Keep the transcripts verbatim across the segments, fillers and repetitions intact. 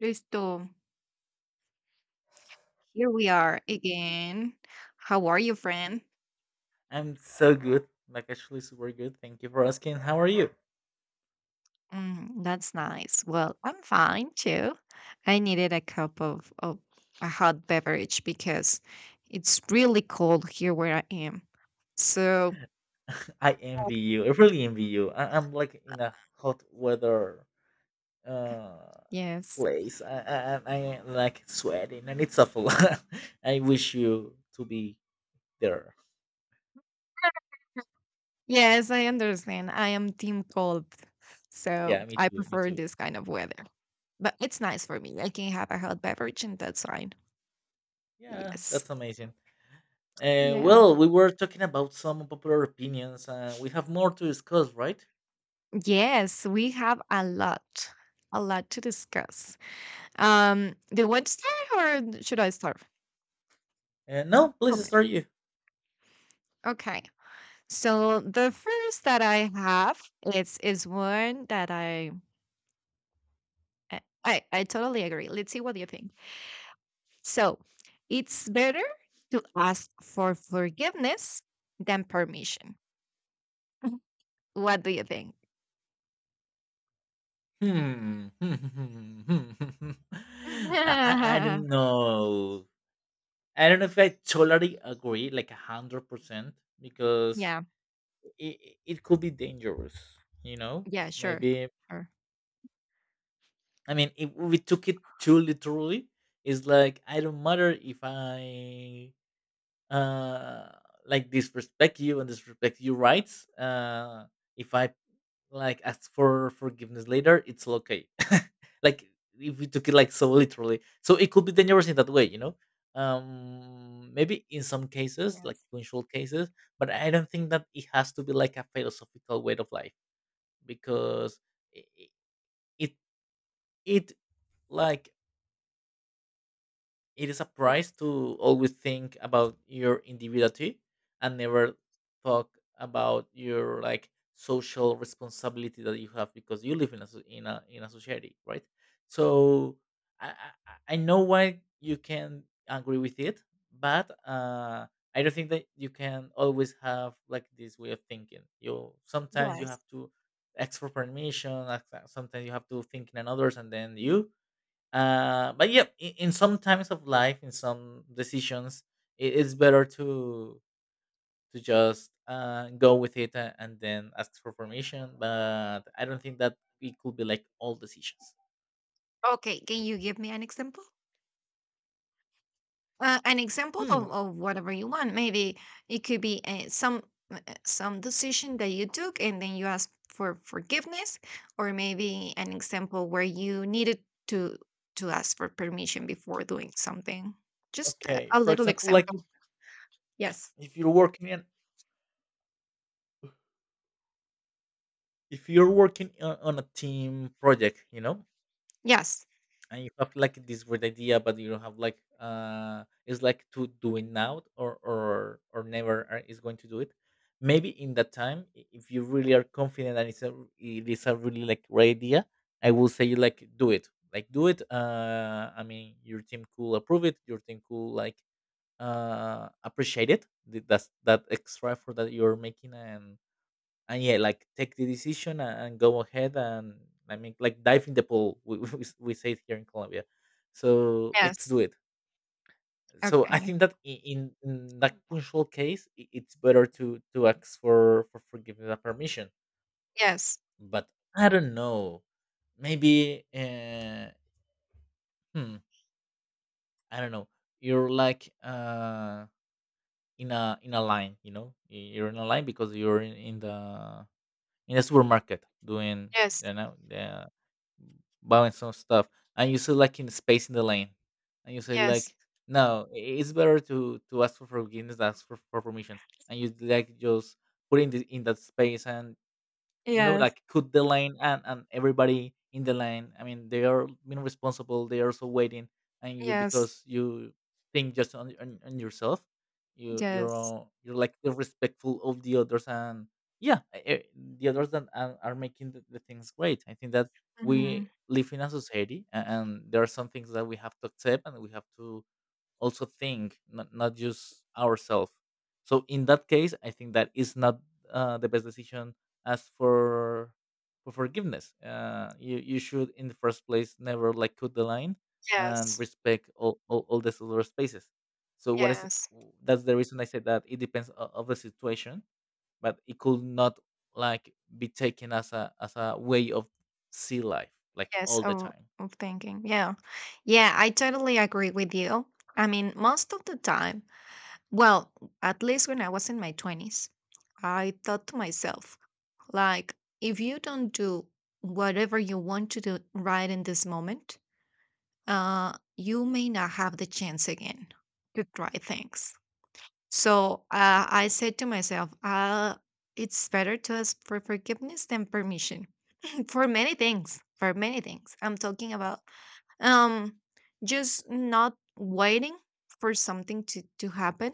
Listo. Here we are again. How are you, friend? I'm so good, like actually super good. Thank you for asking. How are you? Mm, that's nice. Well, I'm fine too. I needed a cup of, of a hot beverage because it's really cold here where I am. So, I envy you. I really envy you. I- I'm like in a hot weather uh yes. place. I I I I, like sweating and it's awful. I wish you to be there. Yes, I understand. I am team cold. Yeah, So, me I too. Me prefer too. this kind of weather. But it's nice for me. I can have a hot beverage and that's fine. Yeah, Yes. that's amazing. Uh, Yeah. Well, we were talking about some popular opinions, and we have more to discuss, right? Yes, we have a lot, a lot to discuss. Um, do you want to start or should I start? Uh, no, Tell please me. start you. Okay. So the first that I have is is one that I I I I totally agree. Let's see what you think. So it's better to ask for forgiveness than permission. What do you think? Hmm. I, I I don't know. I don't know if I totally agree, like a hundred percent, because Yeah. Yeah. it, it could be dangerous. You know, Sure. maybe. Sure. I mean, if we took it too literally, it's like I don't matter if I uh like disrespect you and disrespect your rights, uh if I like ask for forgiveness later it's okay, like if we took it like so literally, so it could be dangerous in that way, you know. Um maybe in some cases, like Yes. punctual cases, but I don't think that it has to be like a philosophical way of life, because it it, it like it is a price to always think about your individuality and never talk about your like social responsibility that you have because you live in a so- in a in a society, right? So I I, I, I know why you can agree with it, but uh, I don't think that you can always have like this way of thinking. You sometimes you Yes. have to ask for permission. ask- Sometimes you have to think in another's and then you uh, but yeah, in, in some times of life, in some decisions, it, it's better to to just uh, go with it a- and then ask for permission. But I don't think that it could be like all decisions. Okay. Can you give me an example? Uh, an example of, Hmm. of whatever you want. Maybe it could be uh, some uh, some decision that you took, and then you ask for forgiveness, or maybe an example where you needed to to ask for permission before doing something. Just a, Okay. a For little example, like example. Yes. if you're working in if you're working on, on a team project, you know, Yes. and you have like this great idea, but you don't have like, uh, it's like to do it now, or or or never are- is going to do it. Maybe in that time, i- if you really are confident and it's a it is a really like great idea, I will say like do it, like do it. uh I mean, your team could approve it, your team could like uh appreciate it. Th- that's that extra effort that you're making, and and yeah, like take the decision, and, and go ahead. And I mean like dive in the pool. We, we, we say it here in Colombia. So let's Yes. do it. So I Okay. think that, i- in, in that punctual case, i- it's better to to ask for for forgiveness and permission. Yes. But I don't know. Maybe, uh, hmm, I don't know. You're like uh in a in a line, you know. You're in a line because you're in, in the in the supermarket doing, Yes. you know, the balance on stuff, and you see like in space in the lane and you say Yes. like no, i- it's better to to ask for forgiveness than ask for, for permission, and you like just put in the, in that space. And you know, Yes. like cut the lane, and and everybody in the lane, I mean, they are being responsible, they are also waiting, and you, Yes. because you think just on, on, on yourself, you you're, Yes. uh, you're like respectful of the others. And yeah, eh, eh, the others that are, are making the, the things great. I think that we Mhm. live in a society, a- and there are some things that we have to accept, and we have to also think not, not just ourselves. So in that case, I think that is not uh, the best decision, as for for forgiveness. Uh, you you should in the first place never like cut the line, and Yes. respect all, all, all the solar spaces. So what is, Yes. that's the reason I said that it depends o- of the situation, but it could not like be taken as a as a way of see life like Yes, all the of, time. of thinking. Yeah. Yeah, I totally agree with you. I mean, most of the time, well, at least when I was in my twenties, I thought to myself, like, if you don't do whatever you want to do right in this moment, uh, you may not have the chance again to try things. So, uh, I said to myself, uh, it's better to ask for forgiveness than permission for many things, for many things I'm talking about. um just not waiting for something to to happen,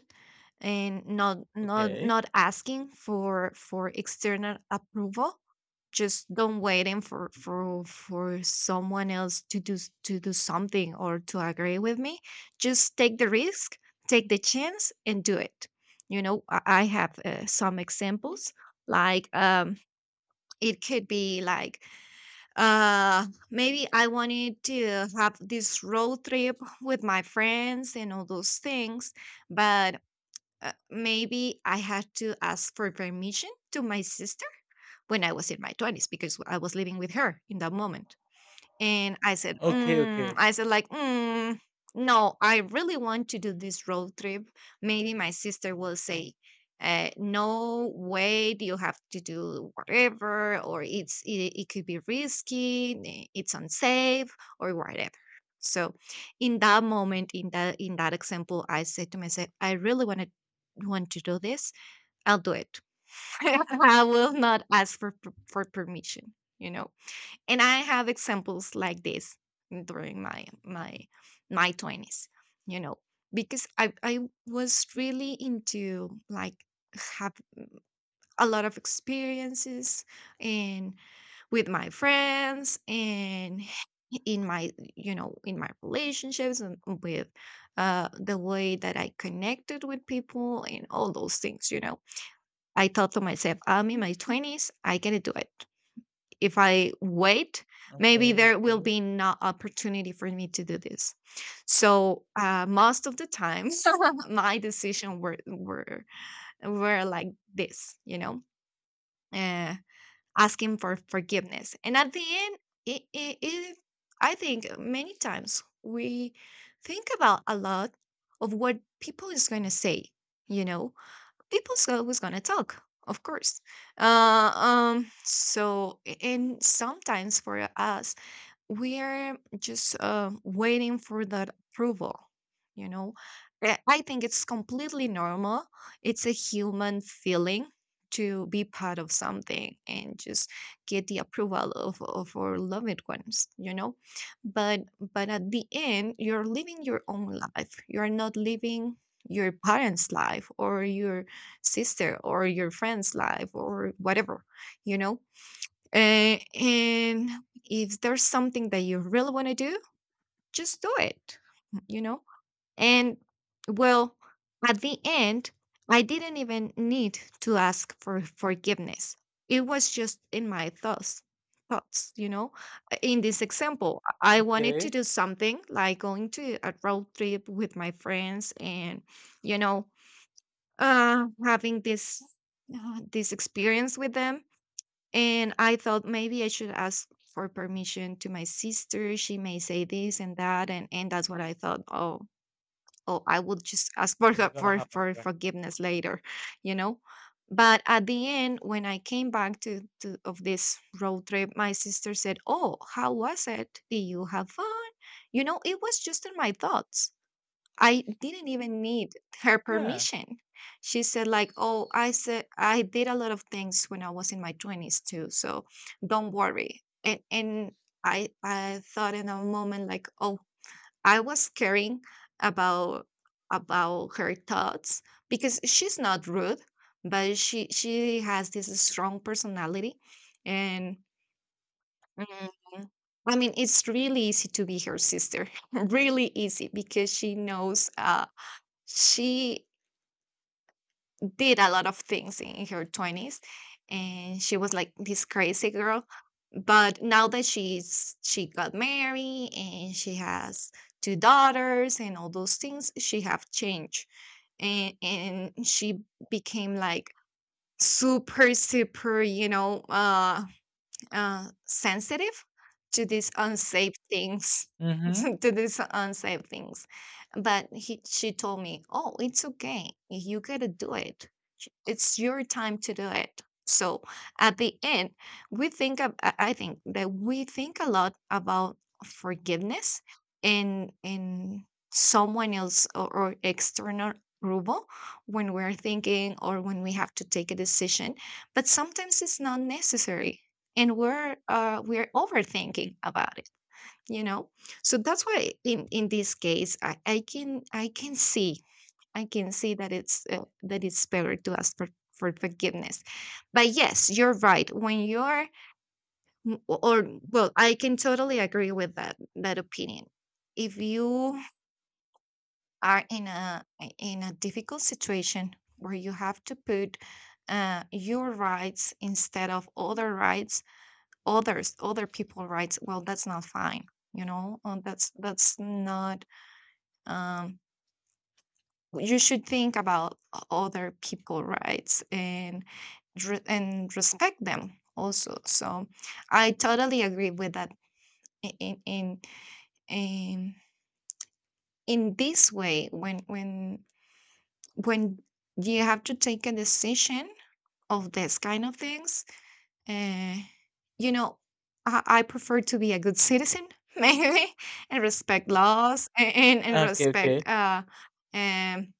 and not not okay not asking for for external approval, just don't waiting for for for someone else to do s- to do something, or to agree with me. Just take the risk, take the chance, and do it. You know, i I have uh, some examples, like, um it could be like, uh, maybe I wanted to have this road trip with my friends and all those things, but uh, maybe I had to ask for permission to my sister when I was in my twenties because I was living with her in that moment. And I said, okay mm, okay I said, like, mm, no, I really want to do this road trip. Maybe my sister will say, uh, no way, you have to do whatever, or it's it, it could be risky, eh, it's unsafe, or whatever. So, in that moment, in that in that example, I said to myself, I really want to want to do this. I'll do it. I will not ask for per- for permission. You know, and I have examples like this during my my my twenties, you know, because i i was really into, like, have a lot of experiences, and with my friends, and in my, you know, in my relationships, and with, uh, the way that I connected with people and all those things, you know. I thought to myself, I'm in my twenties, I gotta do it. If I wait, maybe okay there okay will be not opportunity for me to do this. So, uh, most of the time, my decision were were were like this, you know, uh, asking for forgiveness. And at the end, it, it, it I think many times we think about a lot of what people is going to say, you know, people's always gonna talk, of course. Uh, um so a- and sometimes for us, we are just uh, waiting for that approval, you know. Uh, I think it's completely normal. It's a human feeling, to be part of something and just get the approval of, of our loved ones, you know. but but at the end, you're living your own life. You're not living your parents life, or your sister, or your friend's life, or whatever, you know. Uh, and if there's something that you really want to do, just do it, mm, you know? And, well, at the end, I didn't even need to ask for forgiveness. It was just in my thoughts, thoughts, you know? Uh, In this example, I I wanted to okay do something, like going to a road trip with my friends and, you know, uh, having this uh, this experience with them, and I thought maybe I should ask for permission to my sister. She may say this and that. And, and that's what I thought. Oh, oh, I would just ask for, It's her- gonna for, happen, for right? forgiveness later, you know? But at the end, when I came back to, to of this road trip, my sister said, "Oh, how was it? Did you have fun?" You know, it was just in my thoughts. I didn't even need her Yeah. permission. She said, like, "Oh, I said I did a lot of things when I was in my twenties too, so don't worry." And and I I thought in a moment, like, "Oh, I was caring about about her thoughts because she's not rude, but she she has this strong personality, and mm, I mean, it's really easy to be her sister." Really easy because she knows, uh, she did a lot of things in her twenties, and she was like this crazy girl, but now that she's she got married and she has two daughters and all those things, she have changed, and and she became like super super, you know, uh uh, sensitive to these unsafe things. Mhm. To these unsafe things. But he, she told me, oh, it's okay, you gotta do it, it's your time to do it. So at the end, we think of, i I think that we think a lot about forgiveness in in someone else, or, or external approval, when we're thinking, or when we have to take a decision, but sometimes it's not necessary, and we're uh, we're overthinking about it, you know. So that's why in, in this case, I, I can i can see i can see that it's uh, that it's better to ask for for forgiveness. But yes, you're right, when you're m- or, well, I can totally agree with that that opinion. If you are in a in a difficult situation where you have to put uh, your rights instead of other rights others other people rights, well, that's not fine, you know. Uh, that's that's not, um you should think about other people rights, and re- and respect them also. So I totally agree with that. In in in in this way, when when when you have to take a decision of this kind of things. Uh, you know, I, I prefer to be a good citizen, maybe, and respect laws, a- and and Okay, okay. respect, uh, um,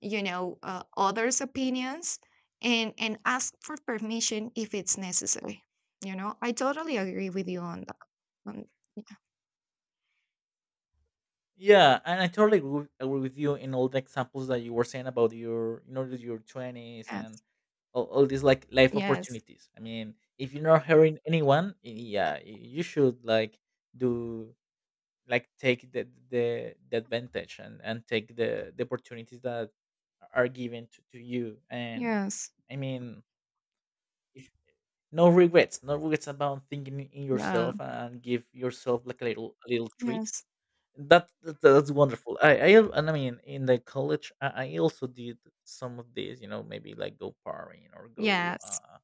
you know, uh, others' opinions, and and ask for permission if it's necessary. You know, I totally agree with you on that. Um, Yeah, and I totally agree with agree with you in all the examples that you were saying about your, you know, your twenties yes, and all, all these like life yes, opportunities. I mean, if you're not hurting anyone, y- yeah, y- you should like do like take the the, the advantage, and and take the the opportunities that are given to, to you. And yes, I mean, no regrets, no regrets about thinking in yeah, yourself, and give yourself like a little a little treat. yes, That, that that's wonderful. I I al- and I mean in the college, I, I also did some of this. You know, maybe like go partying or go, yes, Uh,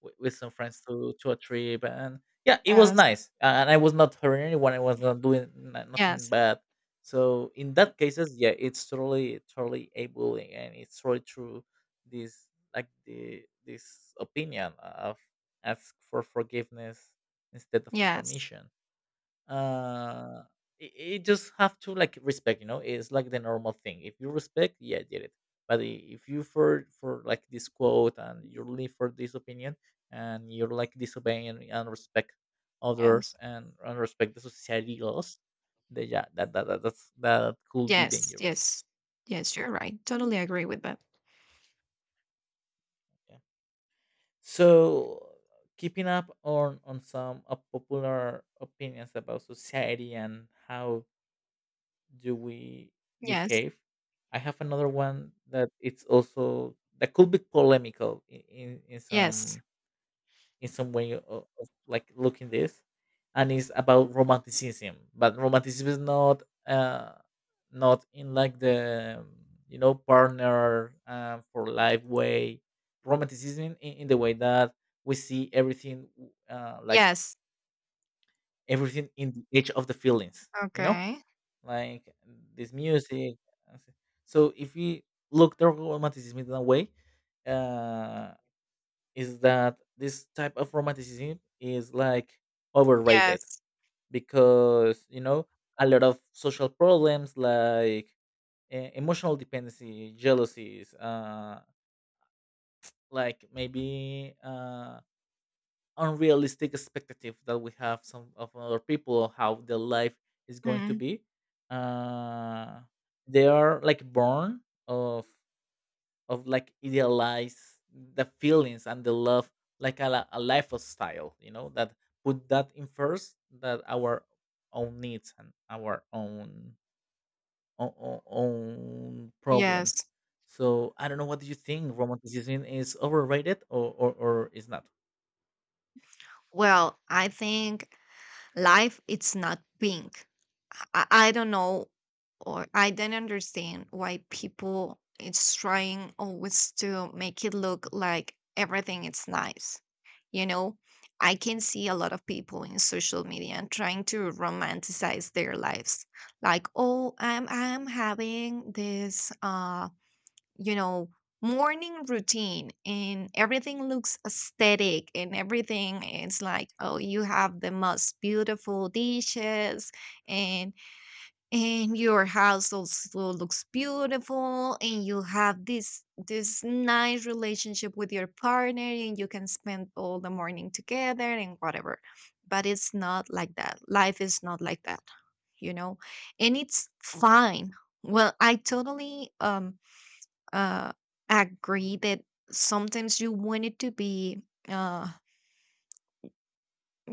with, with some friends to to a trip. And yeah, it was yes, nice. And I was not hurting anyone. I was not doing n- nothing yes, bad. So in that cases, yeah, it's totally totally able and it's totally true. This Like the this opinion of ask for forgiveness instead of yes, permission, uh it, it just have to like respect, you know. It's like the normal thing, if you respect, yeah, did it. but i- if you for for like this quote, and you live for this opinion, and you're like disobeying, and and respect yes, others, and, and respect the society laws, then yeah that, that, that that's that could be yes, dangerous. yes, yes. You're right. Totally agree with that. Yeah, so keeping up on on some, uh, popular opinions about society and how do we Yes. behave? I have another one that it's also that could be polemical in, in, in Yes. some in some way of, of like looking this, and it's about romanticism. But romanticism is not, uh not in like the, you know, partner, uh, for life way. Romanticism in, in the way that we see everything, uh, like Yes. everything in the edge of the feelings. You know, Okay. like this music. and s- So if we look the romanticism in a way, uh, is that this type of romanticism is like overrated, Yes. because you know a lot of social problems, like uh, emotional dependency, jealousies, uh, like maybe. Uh, unrealistic expectative that we have some of other people, of how their life is going to Mhm. be, uh they are like born of of like idealize the feelings and the love like a, li- a lifestyle, you know, that put that in first that our own needs and our own own, own problems. Yes. So I don't know, what do you think, romanticism is overrated or or, or is not? Well, I think life it's not pink. I, I don't know, or I don't understand why people it's trying always to make it look like everything is nice. You know, I can see a lot of people in social media trying to romanticize their lives. Like, oh, I'm I'm having this uh you know morning routine, and everything looks aesthetic, and everything is like, oh, you have the most beautiful dishes, and and your house also looks beautiful, and you have this this nice relationship with your partner, and you can spend all the morning together and whatever, but it's not like that. Life is not like that, you know. And it's fine. Well, I totally, um uh, agree that sometimes you want it to be, uh,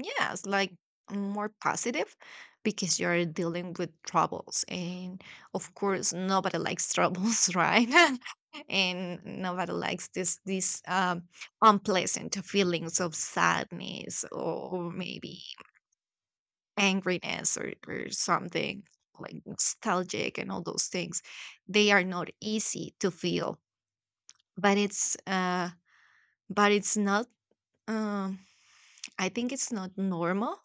yes, like, more positive because you're dealing with troubles. And of course, nobody likes troubles, right? And nobody likes this, this, um, unpleasant feelings of sadness, or maybe angriness, or, or something like nostalgic, and all those things, they are not easy to feel. But it's uh but it's not, um I think it's not normal.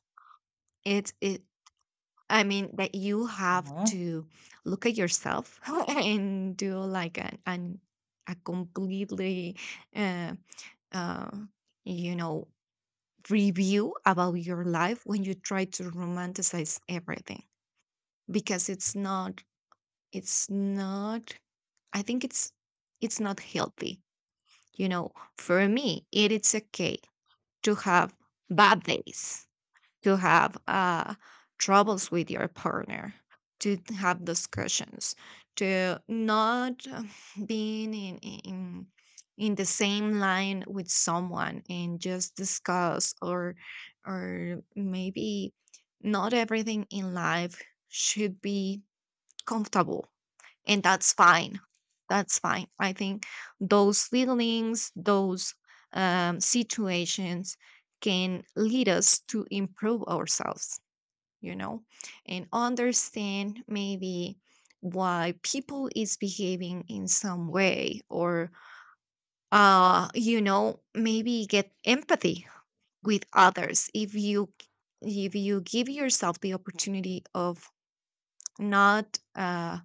It it I mean that you have to look at yourself and do like an, an a completely, uh, uh you know review about your life when you try to romanticize everything, because it's not it's not, I think it's it's not healthy, you know. For me, it is okay to have bad days, to have uh, troubles with your partner, to have discussions, to not uh, being in, in in the same line with someone, and just discuss, or or maybe not everything in life should be comfortable, and that's fine. That's fine. I think those feelings, those um, situations can lead us to improve ourselves, you know, and understand maybe why people is behaving in some way or uh you know maybe get empathy with others if you if you give yourself the opportunity of not uh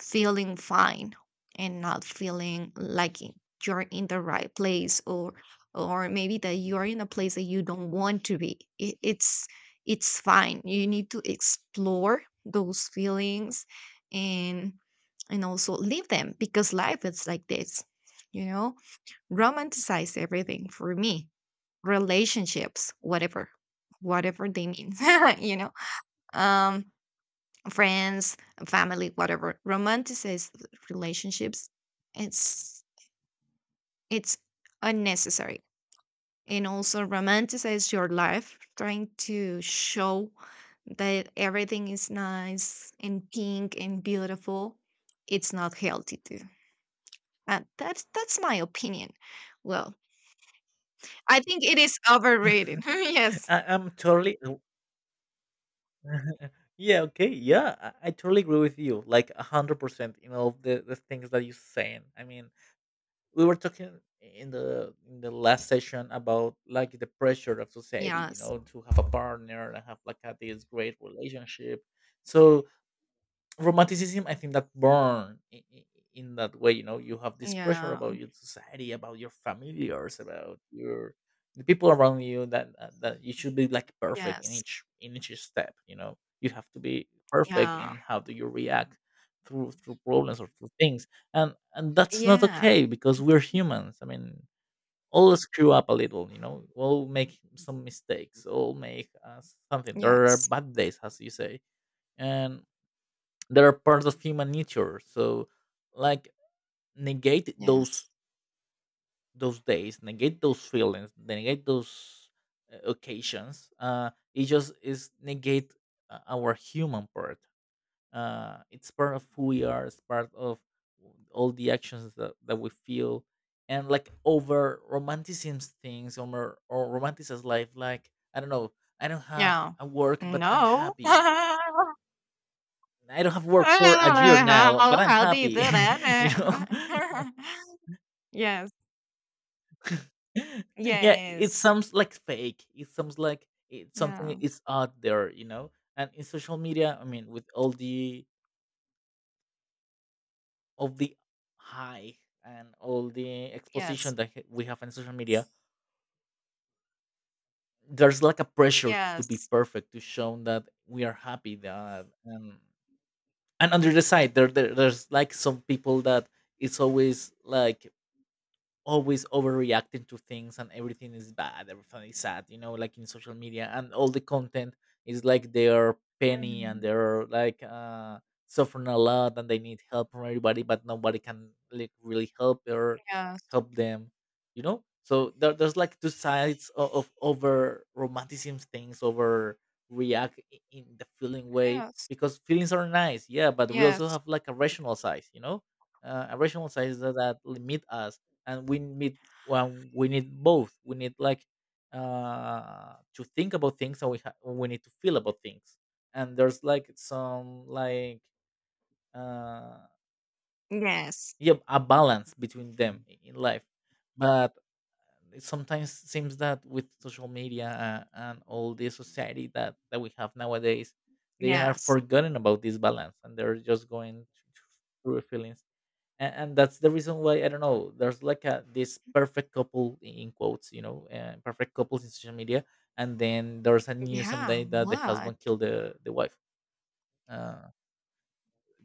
feeling fine and not feeling like y- you're in the right place or or maybe that you are in a place that you don't want to be it, it's it's fine. You need to explore those feelings and and also leave them because life is like this, you know. Romanticize everything for me, relationships, whatever, whatever they mean, you know, um friends, family, whatever, romanticized relationships, it's it's unnecessary. And also romanticize your life, trying to show that everything is nice and pink and beautiful. It's not healthy too. Uh, that's that's my opinion. Well, I think it is overrated. Yes. I, I'm totally yeah, okay, yeah, I, I totally agree with you like a hundred percent in all of the, the things that you're saying. I mean, we were talking in the in the last session about like the pressure of society, you Yes. know, to have a partner, and have like a, this great relationship. So romanticism, I think that born in, in that way, you know, you have this pressure Yeah. about your society, about your familiars, about your the people around you, that, uh, that you should be like perfect in Yes. each in each step. You know, you have to be perfect Yeah. in how do you react through through problems or through things, and and that's not Yeah. okay, because we're humans. I mean, all screw up a little, you know, all make some mistakes, all make, uh, something. There are Yes. bad days, as you say, and they're part of human nature. So like negate those Yes. those days, negate those feelings, negate those, uh, occasions. Uh it just is negate, uh, our human part. Uh it's part of who we are, it's part of all the actions that, that we feel. And like over romanticism things, or, or romanticize life, like I don't know, I don't have Yeah. a work but I'm No. happy. I don't have work I for a don't year know now, but how I'm how they happy, do you know. that. Yes. Yeah, it Yes. sounds like fake. It sounds like it's something Yeah. is out there, you know. And in social media, I mean, with all the of the high, and all the exposition Yes. that h- we have in social media, there's like a pressure to be Yes. perfect, to show that we are happy. That, um, and under the side, there, there there's like some people that it's always like always overreacting to things, and everything is bad, everything is sad, you know, like in social media, and all the content is like they're penny, and Mhm. they're like uh suffering a lot, and they need help from everybody, but nobody can like really help or Yes. help them, you know? So there, there's like two sides of, of over romanticism things, over react, i- in the feeling way, Yes. because feelings are nice, yeah, but we also Yes. have like a rational side, you know? Uh, a rational side is that, that limit us, and we need, well, we need both. We need, like, uh, to think about things, and we ha- we need to feel about things. And there's like some, like, uh, Yes. yeah, a balance between them i- in life, but it sometimes seems that with social media, uh, and all the society that that we have nowadays, they are Yes. forgotten about this balance, and they're just going through feelings, and, and that's the reason why. I don't know. There's like a, this perfect couple i- in quotes, you know, uh, perfect couples in social media, and then there's a news Yeah. someday that the What? husband killed the the wife. Uh,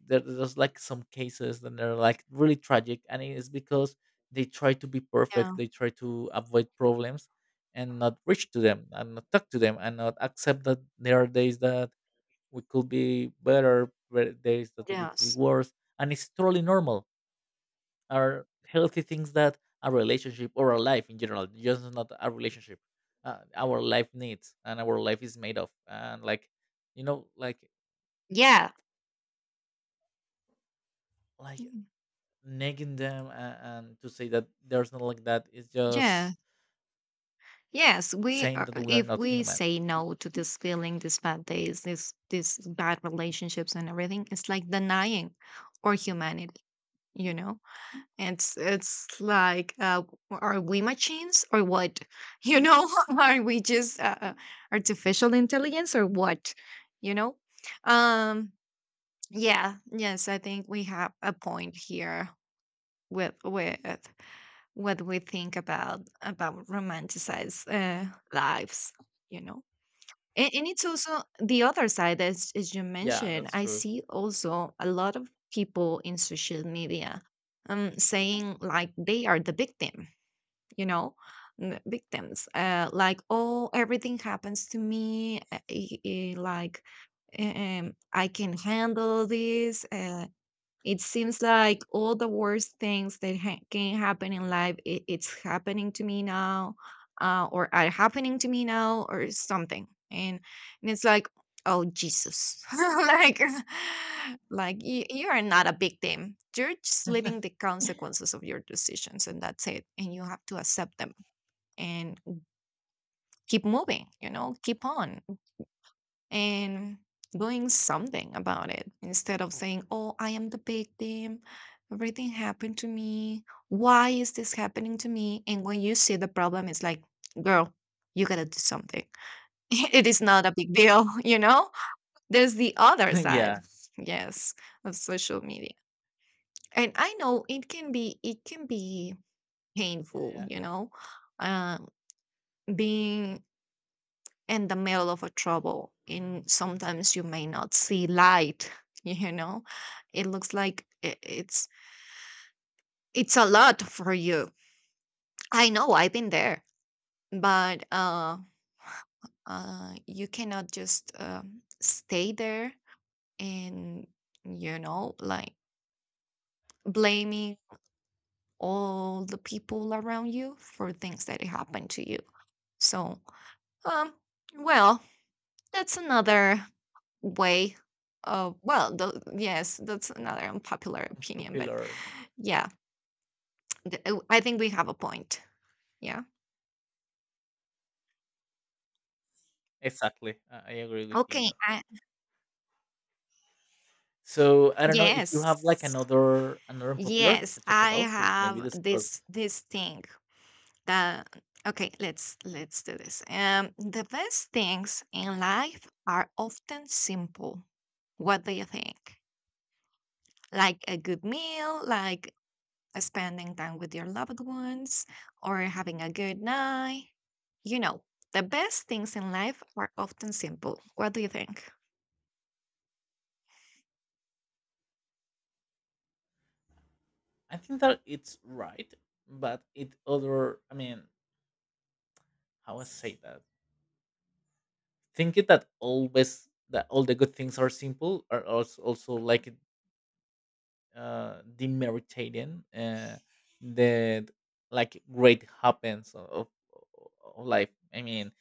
there, there's like some cases that are like really tragic, and it's because they try to be perfect, Yeah. they try to avoid problems, and not reach to them, and not talk to them, and not accept that there are days that we could be better, where- days that we could be Yes. worse, and it's totally normal, are healthy things that a relationship or a life in general, just not a relationship, uh, our life needs, and our life is made of. And like, you know, like Yeah. like Mm. negging them, and, and to say that there's not like that, is Yeah. just Yes. We saying are, that we are if not we human. say no to this feeling, these bad days, this this bad relationships and everything, it's like denying our humanity. You know, it's it's like uh, are we machines or what? You know, are we just uh, uh, artificial intelligence or what? You know. um yeah, yes, I think we have a point here with with what we think about about romanticized uh, lives, you know. And, and it's also the other side, as, as you Yeah, mentioned. that's I true. see also a lot of people in social media um, saying like they are the victim, you know, n- victims. Uh, like, oh, everything happens to me. Uh, eh, eh, like, um, I can handle this. Uh, it seems like all the worst things that ha- can happen in life, it, it's happening to me now, uh, or are happening to me now, or something. And, and it's like, oh Jesus, like, like you, you are not a victim. You're just living the consequences of your decisions, and that's it. And you have to accept them and keep moving. You know, keep on and doing something about it instead of saying, oh, I am the victim. Everything happened to me. Why is this happening to me? And when you see the problem, it's like, girl, you gotta do something. It is not a big deal. You know? There's the other side, Yeah, yes, of social media. And I know it can be it can be yeah, painful, yeah. you know, uh, being in the middle of a trouble, and sometimes you may not see light. You know, it looks like i- it's it's a lot for you. I know I've been there, but uh, uh you cannot just um, stay there and, you know, like blaming all the people around you for things that happened to you. So um well, that's another way. Uh, well, th- yes, that's another unpopular I'm opinion, but popular. Yeah. yeah, th- uh, I think we have a point. Yeah. Exactly. I, I agree with you in Okay. that I, part. So I don't know if you have like yes. another another popular to Yes, talk I about, to maybe have discuss. this this thing that okay, let's let's do this. Um, the best things in life are often simple. What do you think? Like a good meal, like uh, spending time with your loved ones, or having a good night. You know, the best things in life are often simple. What do you think? I think that it's right, but it other. I mean, how I say that? Thinking that always that all the good things are simple are also also like uh demeritating. Uh, that, like, great happens of, of of life. I mean,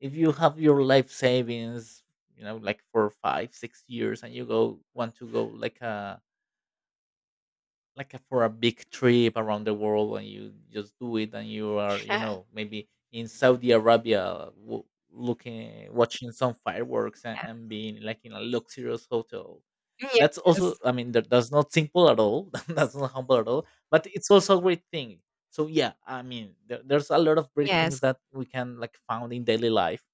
if you have your life savings, you know, like for five six years, and you go want to go like a, like a, for a big trip around the world, and you just do it, and you are, you know, maybe in Saudi Arabia w- looking, watching some fireworks, and, and being like in a luxurious hotel. Uh, that's also, yes, I mean, that, that's not simple at all. That's not humble at all, but it's also a great thing. So yeah, I mean, there, there's a lot of great things yes, that we can like found in daily life,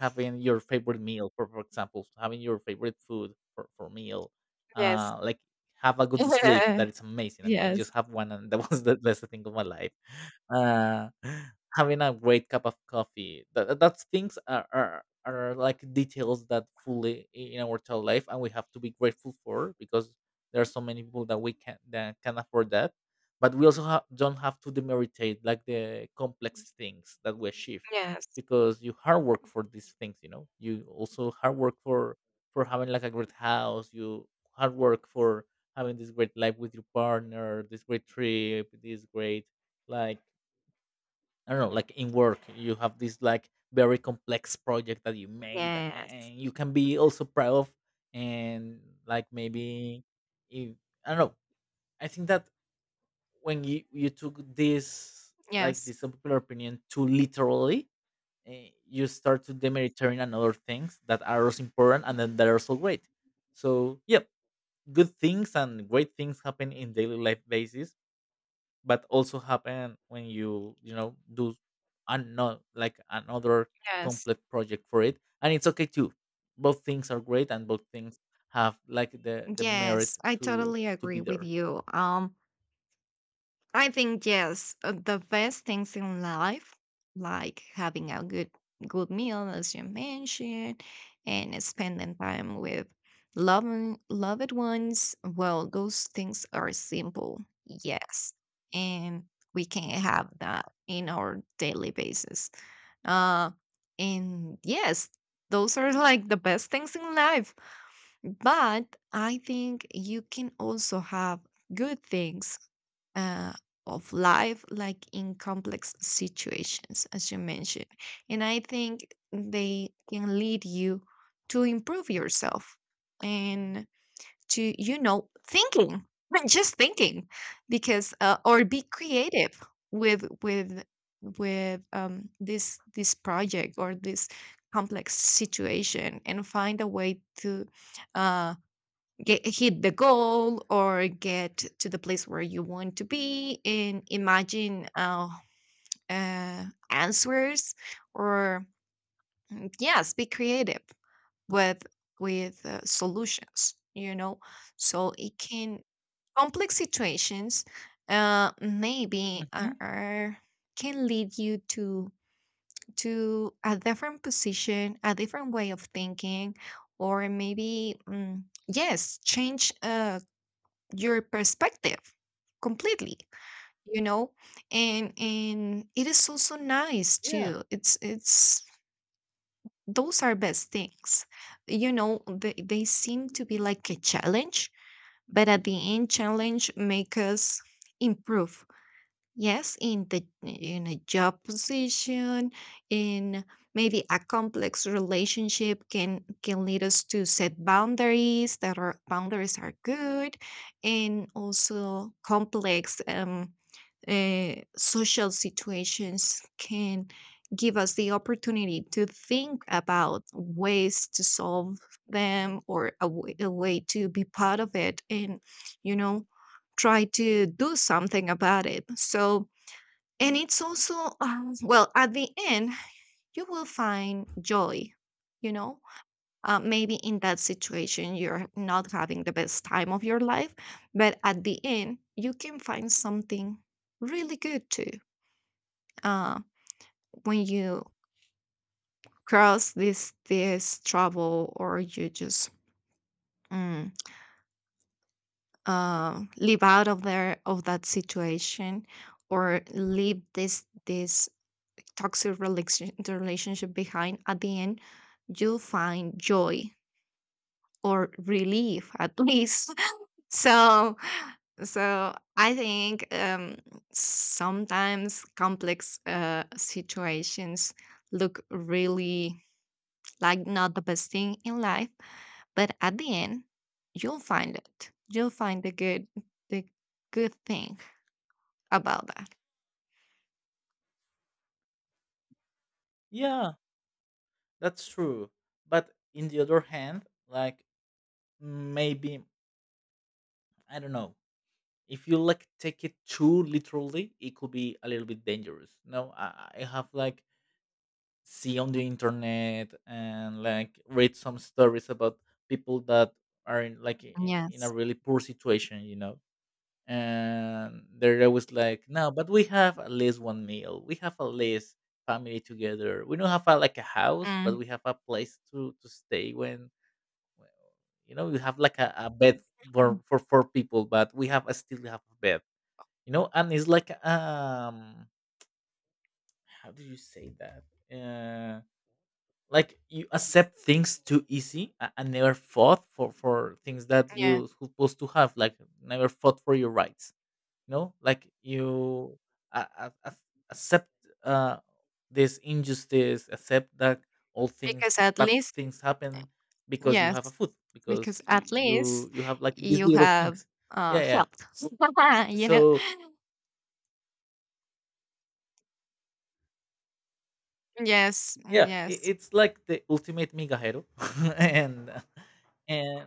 having your favorite meal for, for example, having your favorite food for, for meal. yes, uh Like, have a good sleep. That is amazing. I mean, I yes, yes, just have one, and that was the best thing of my life. uh Having a great cup of coffee, that that's things are, are are like details that fully i- in our total life, and we have to be grateful for, because there are so many people that we can that can afford that. But we also ha- don't have to demeritate like the complex things that we achieve, yes, because you hard work for these things, you know. You also hard work for for having like a great house. You hard work for having this great life with your partner, this great trip, this great, like, I don't know, like, in work you have this, like, very complex project that you made a- yes, and you can be also proud of. And, like, maybe if, I don't know, I think that when you you took this, like, this unpopular opinion too literally, eh, you start to demeritarian and other things that are also important, and then that are also great. So yeah, good things and great things happen in daily life basis, but also happen when you you know do another, like, another yes. complete project for it, and it's okay too. Both things are great, and both things have like the the merit Yes, I to totally to be agree with there. you. Um, I think yes, uh, the best things in life, like having a good good meal, as you mentioned, and spending time with loving loved ones. Well, those things are simple, yes, and we can have that in our daily basis. Uh, and yes, those are like the best things in life. But I think you can also have good things uh, of life, like in complex situations, as you mentioned. And I think they can lead you to improve yourself. And to, you know, thinking, just thinking, because uh, or be creative with with with um, this this project or this complex situation and find a way to uh, get hit the goal or get to the place where you want to be and imagine uh, uh, answers or mm, yes, be creative with with uh, solutions, you know. So it can, complex situations, uh, maybe Hmm. are, are- can lead you to to a different position, a different way of thinking, or maybe mm, yes, change uh, your perspective completely, you know. and and it is also nice Yeah, too. It's it's Those are best things, you know. They, they seem to be like a challenge, but at the end challenge make us improve. Yes, in the in a job position, in maybe a complex relationship can can lead us to set boundaries, that are, boundaries are good, and also complex um, uh, social situations can give us the opportunity to think about ways to solve them or a way a way to be part of it, and you know try to do something about it. So and it's also, um, well, at the end, you will find joy, you know? Uh, maybe in that situation, you're not having the best time of your life, but at the end, you can find something really good too. Uh, when you cross this this trouble or you just mm, uh, live out of there of that situation or leave this this toxic relation, the relationship behind, at the end you'll find joy or relief at least. So so I think um sometimes complex uh situations look really like not the best thing in life, but at the end you'll find it, you'll find the good the good thing about that. yeah, that's true. But in the other hand, like, maybe, I don't know, if you like take it too literally, it could be a little bit dangerous. No, I, I have like see on the internet, and like read some stories about people that are in, like, i- in a Yes. really poor situation, you know, and they're always like, "No, but we have at least one meal, we have at least family together. We don't have a, like a house, but Mm, we have a place to to stay when. when- You know, you have like a, a bed for, mm, for four people, but we have a, still have a bed, you know." And it's like, um how do you say that? uh like, you accept things too easy, I, and never fought for for things that yeah, you supposed to have, like, never fought for your rights, you know, like, you uh, uh, uh, accept uh this injustice, accept that all things, because at bad least, things happen because you yes, have a foot, because because you at you, least you have like these you little have things. Uh yeah, yeah. helped. You know, So yes, mm, yeah, yes, i- it's like the ultimate mega hero. and and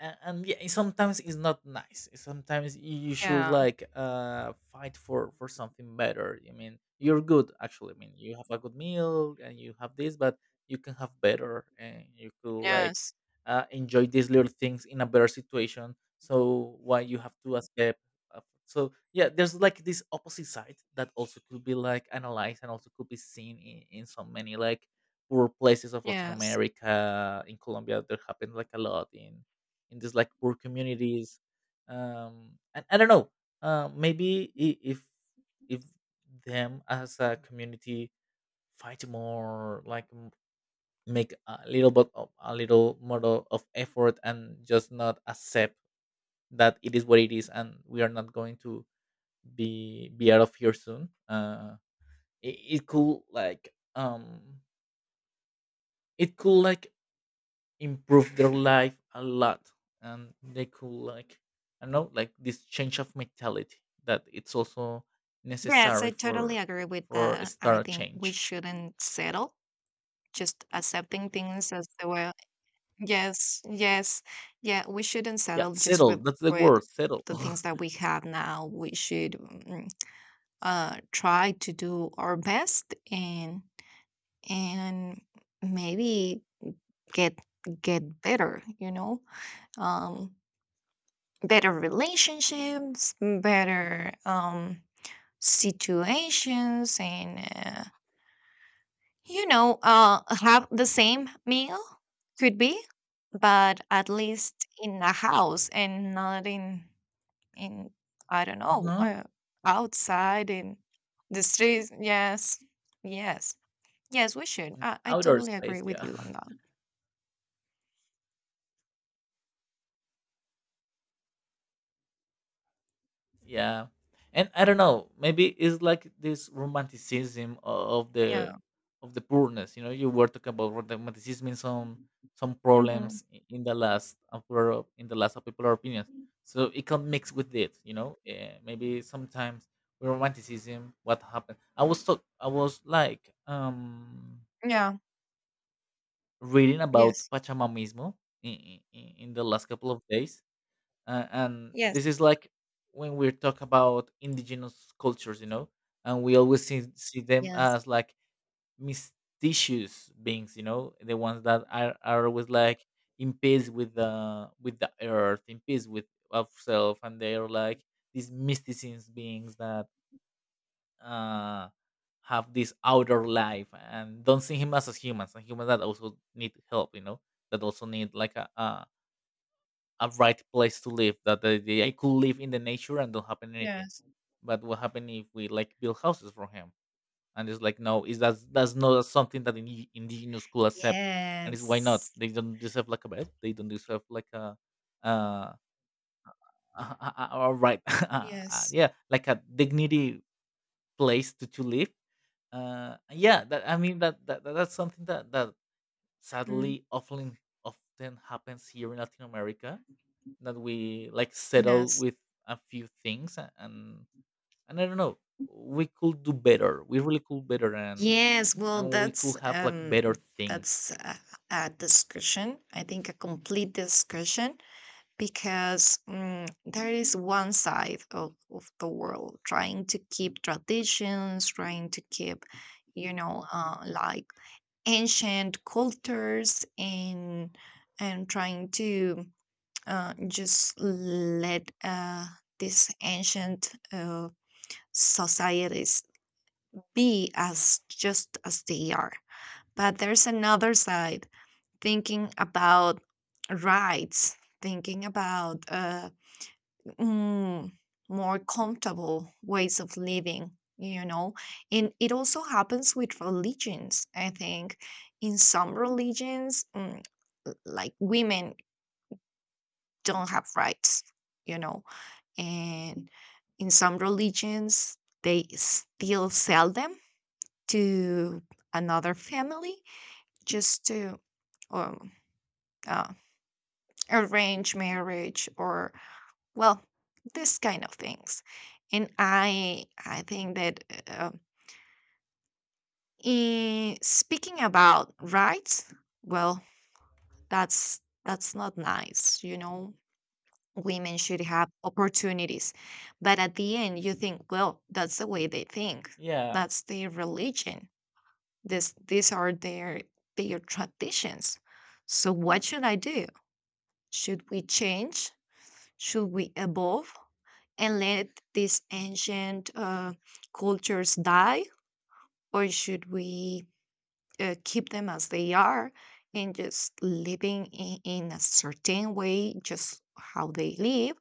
and, and yeah, it's sometimes, it's not nice. It's sometimes you you should yeah, like uh fight for for something better. I mean, you're good actually. I mean, you have a good meal and you have this, but you can have better, and you could like yes, uh, enjoy these little things in a better situation, so why you have to escape? Uh, so yeah, there's like this opposite side that also could be like analyzed, and also could be seen in, in so many like poor places of Latin yes, America. In Colombia, there happened like a lot in in these like poor communities. Um and I don't know, uh maybe, i- if if them as a community fight more, like, m- make a little bit of, a little more o- of effort, and just not accept that it is what it is, and we are not going to be be out of here soon. uh it, it could, like, um it could, like, improve their life a lot, and they could, like, I don't know, like, this change of mentality that it's also yes, necessary I totally for agree with for that. I start a think we change. shouldn't settle just accepting things as they were. Yes, yes, yeah, we shouldn't Yeah, settle just settle, with that's the with word, settle. the things that we have now. We should mm, uh try to do our best and and maybe get get better, you know. um Better relationships, better um situations, and uh, you know, uh have the same meal could be, but at least in a house and not in in I don't know, Uh-huh. uh, outside in the streets. Yes, yes, yes, we should. i, I Outer totally space, agree with yeah. you on that. Yeah, and I don't know, maybe it's like this romanticism o- of the Yeah. of the poorness, you know. You were talking about romanticism in some some Hmm. problems i- in the last unpopular op- in the last popular opinions, so it can mix with it, you know. Eh, maybe sometimes we romanticism what happened. i was talk I was like, um Yeah. reading about Yes. pachamanismo in, in, in the last couple of days. Uh, and this Yes. is like, when we talk about indigenous cultures, you know, and we always see, see them Yes. as like mysterious beings, you know, the ones that are, are always like in peace with the with the earth, in peace with ourselves, and they are like these mysticism beings that uh have this outer life, and don't see him as as humans, and humans that also need help, you know, that also need like a, a a right place to live, that the, the, I could live in the nature and don't happen anything. Yes. But what happened if we like build houses for him? And it's like, "No, is that, that's not something that indi- indigenous could accept." And it's, why not? Yes. They don't deserve like a bed? They don't deserve like a, uh all right, uh, Yes. yeah, like a dignity place to, to live. Uh yeah, that, I mean, that, that that- that's something that that Mhm. sadly often often happens here in Latin America, that we like settle Yes. with a few things, a- and and I don't know, we could do better, we really could better, and Yes, well, and we that's could have like um, better that's things. a, a discussion. I think a complete discussion, because mm, there is one side of, of the world trying to keep traditions, trying to keep, you know, uh, like ancient cultures and and trying to uh, just let uh, these ancient uh, societies be as just as they are. But there's another side, thinking about rights, thinking about uh, mm, more comfortable ways of living. You know, and it also happens with religions. I think in some religions, mm, l- like women don't have rights. You know, and in some religions they still sell them to another family just to um, uh, arrange marriage or well this kind of things. And i I think that uh, in speaking about rights, well, that's that's not nice, you know. Women should have opportunities. But at the end, you think, well, that's the way they think. Yeah. That's their religion. This, these are their their traditions. So what should I do? Should we change? Should we evolve and let these ancient uh, cultures die, or should we uh, keep them as they are and just living in, in a certain way, just how they live?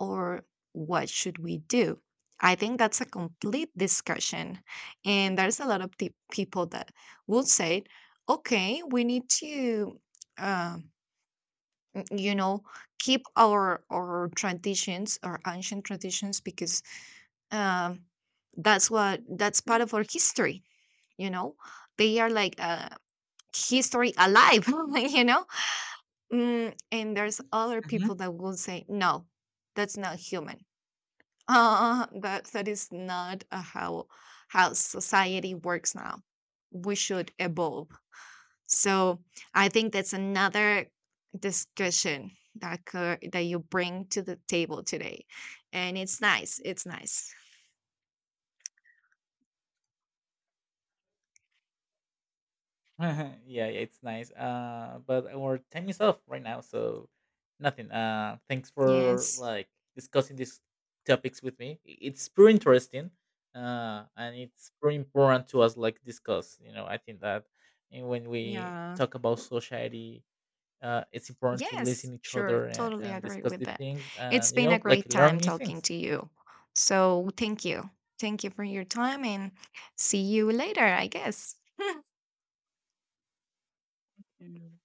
Or what should we do? I think that's a complete discussion. And there's a lot of pe- people that will say, okay, we need to, uh, n- you know, keep our, our traditions, our ancient traditions, because um, that's what, that's part of our history, you know? They are like uh, history alive, you know? Mm, and there's other Hmm. people that will say, no, that's not human, uh, that that is not uh, how how society works now. We should evolve. So I think that's another discussion that could, that you bring to the table today, and it's nice. It's nice. Yeah, yeah, it's nice, uh but our time is up right now, so nothing. Uh thanks for Yes. like discussing these topics with me. I- it's pretty interesting, uh and it's pretty important to us like discuss, you know. I think that, and when we Yeah. talk about society, uh, it's important to Yes. listen each Sure. other, and, Totally and agree discuss with the that. things, It's and you been a know, like, great learn time new talking things. to you. So thank you. Thank you for your time, and see you later. I guess. Mm.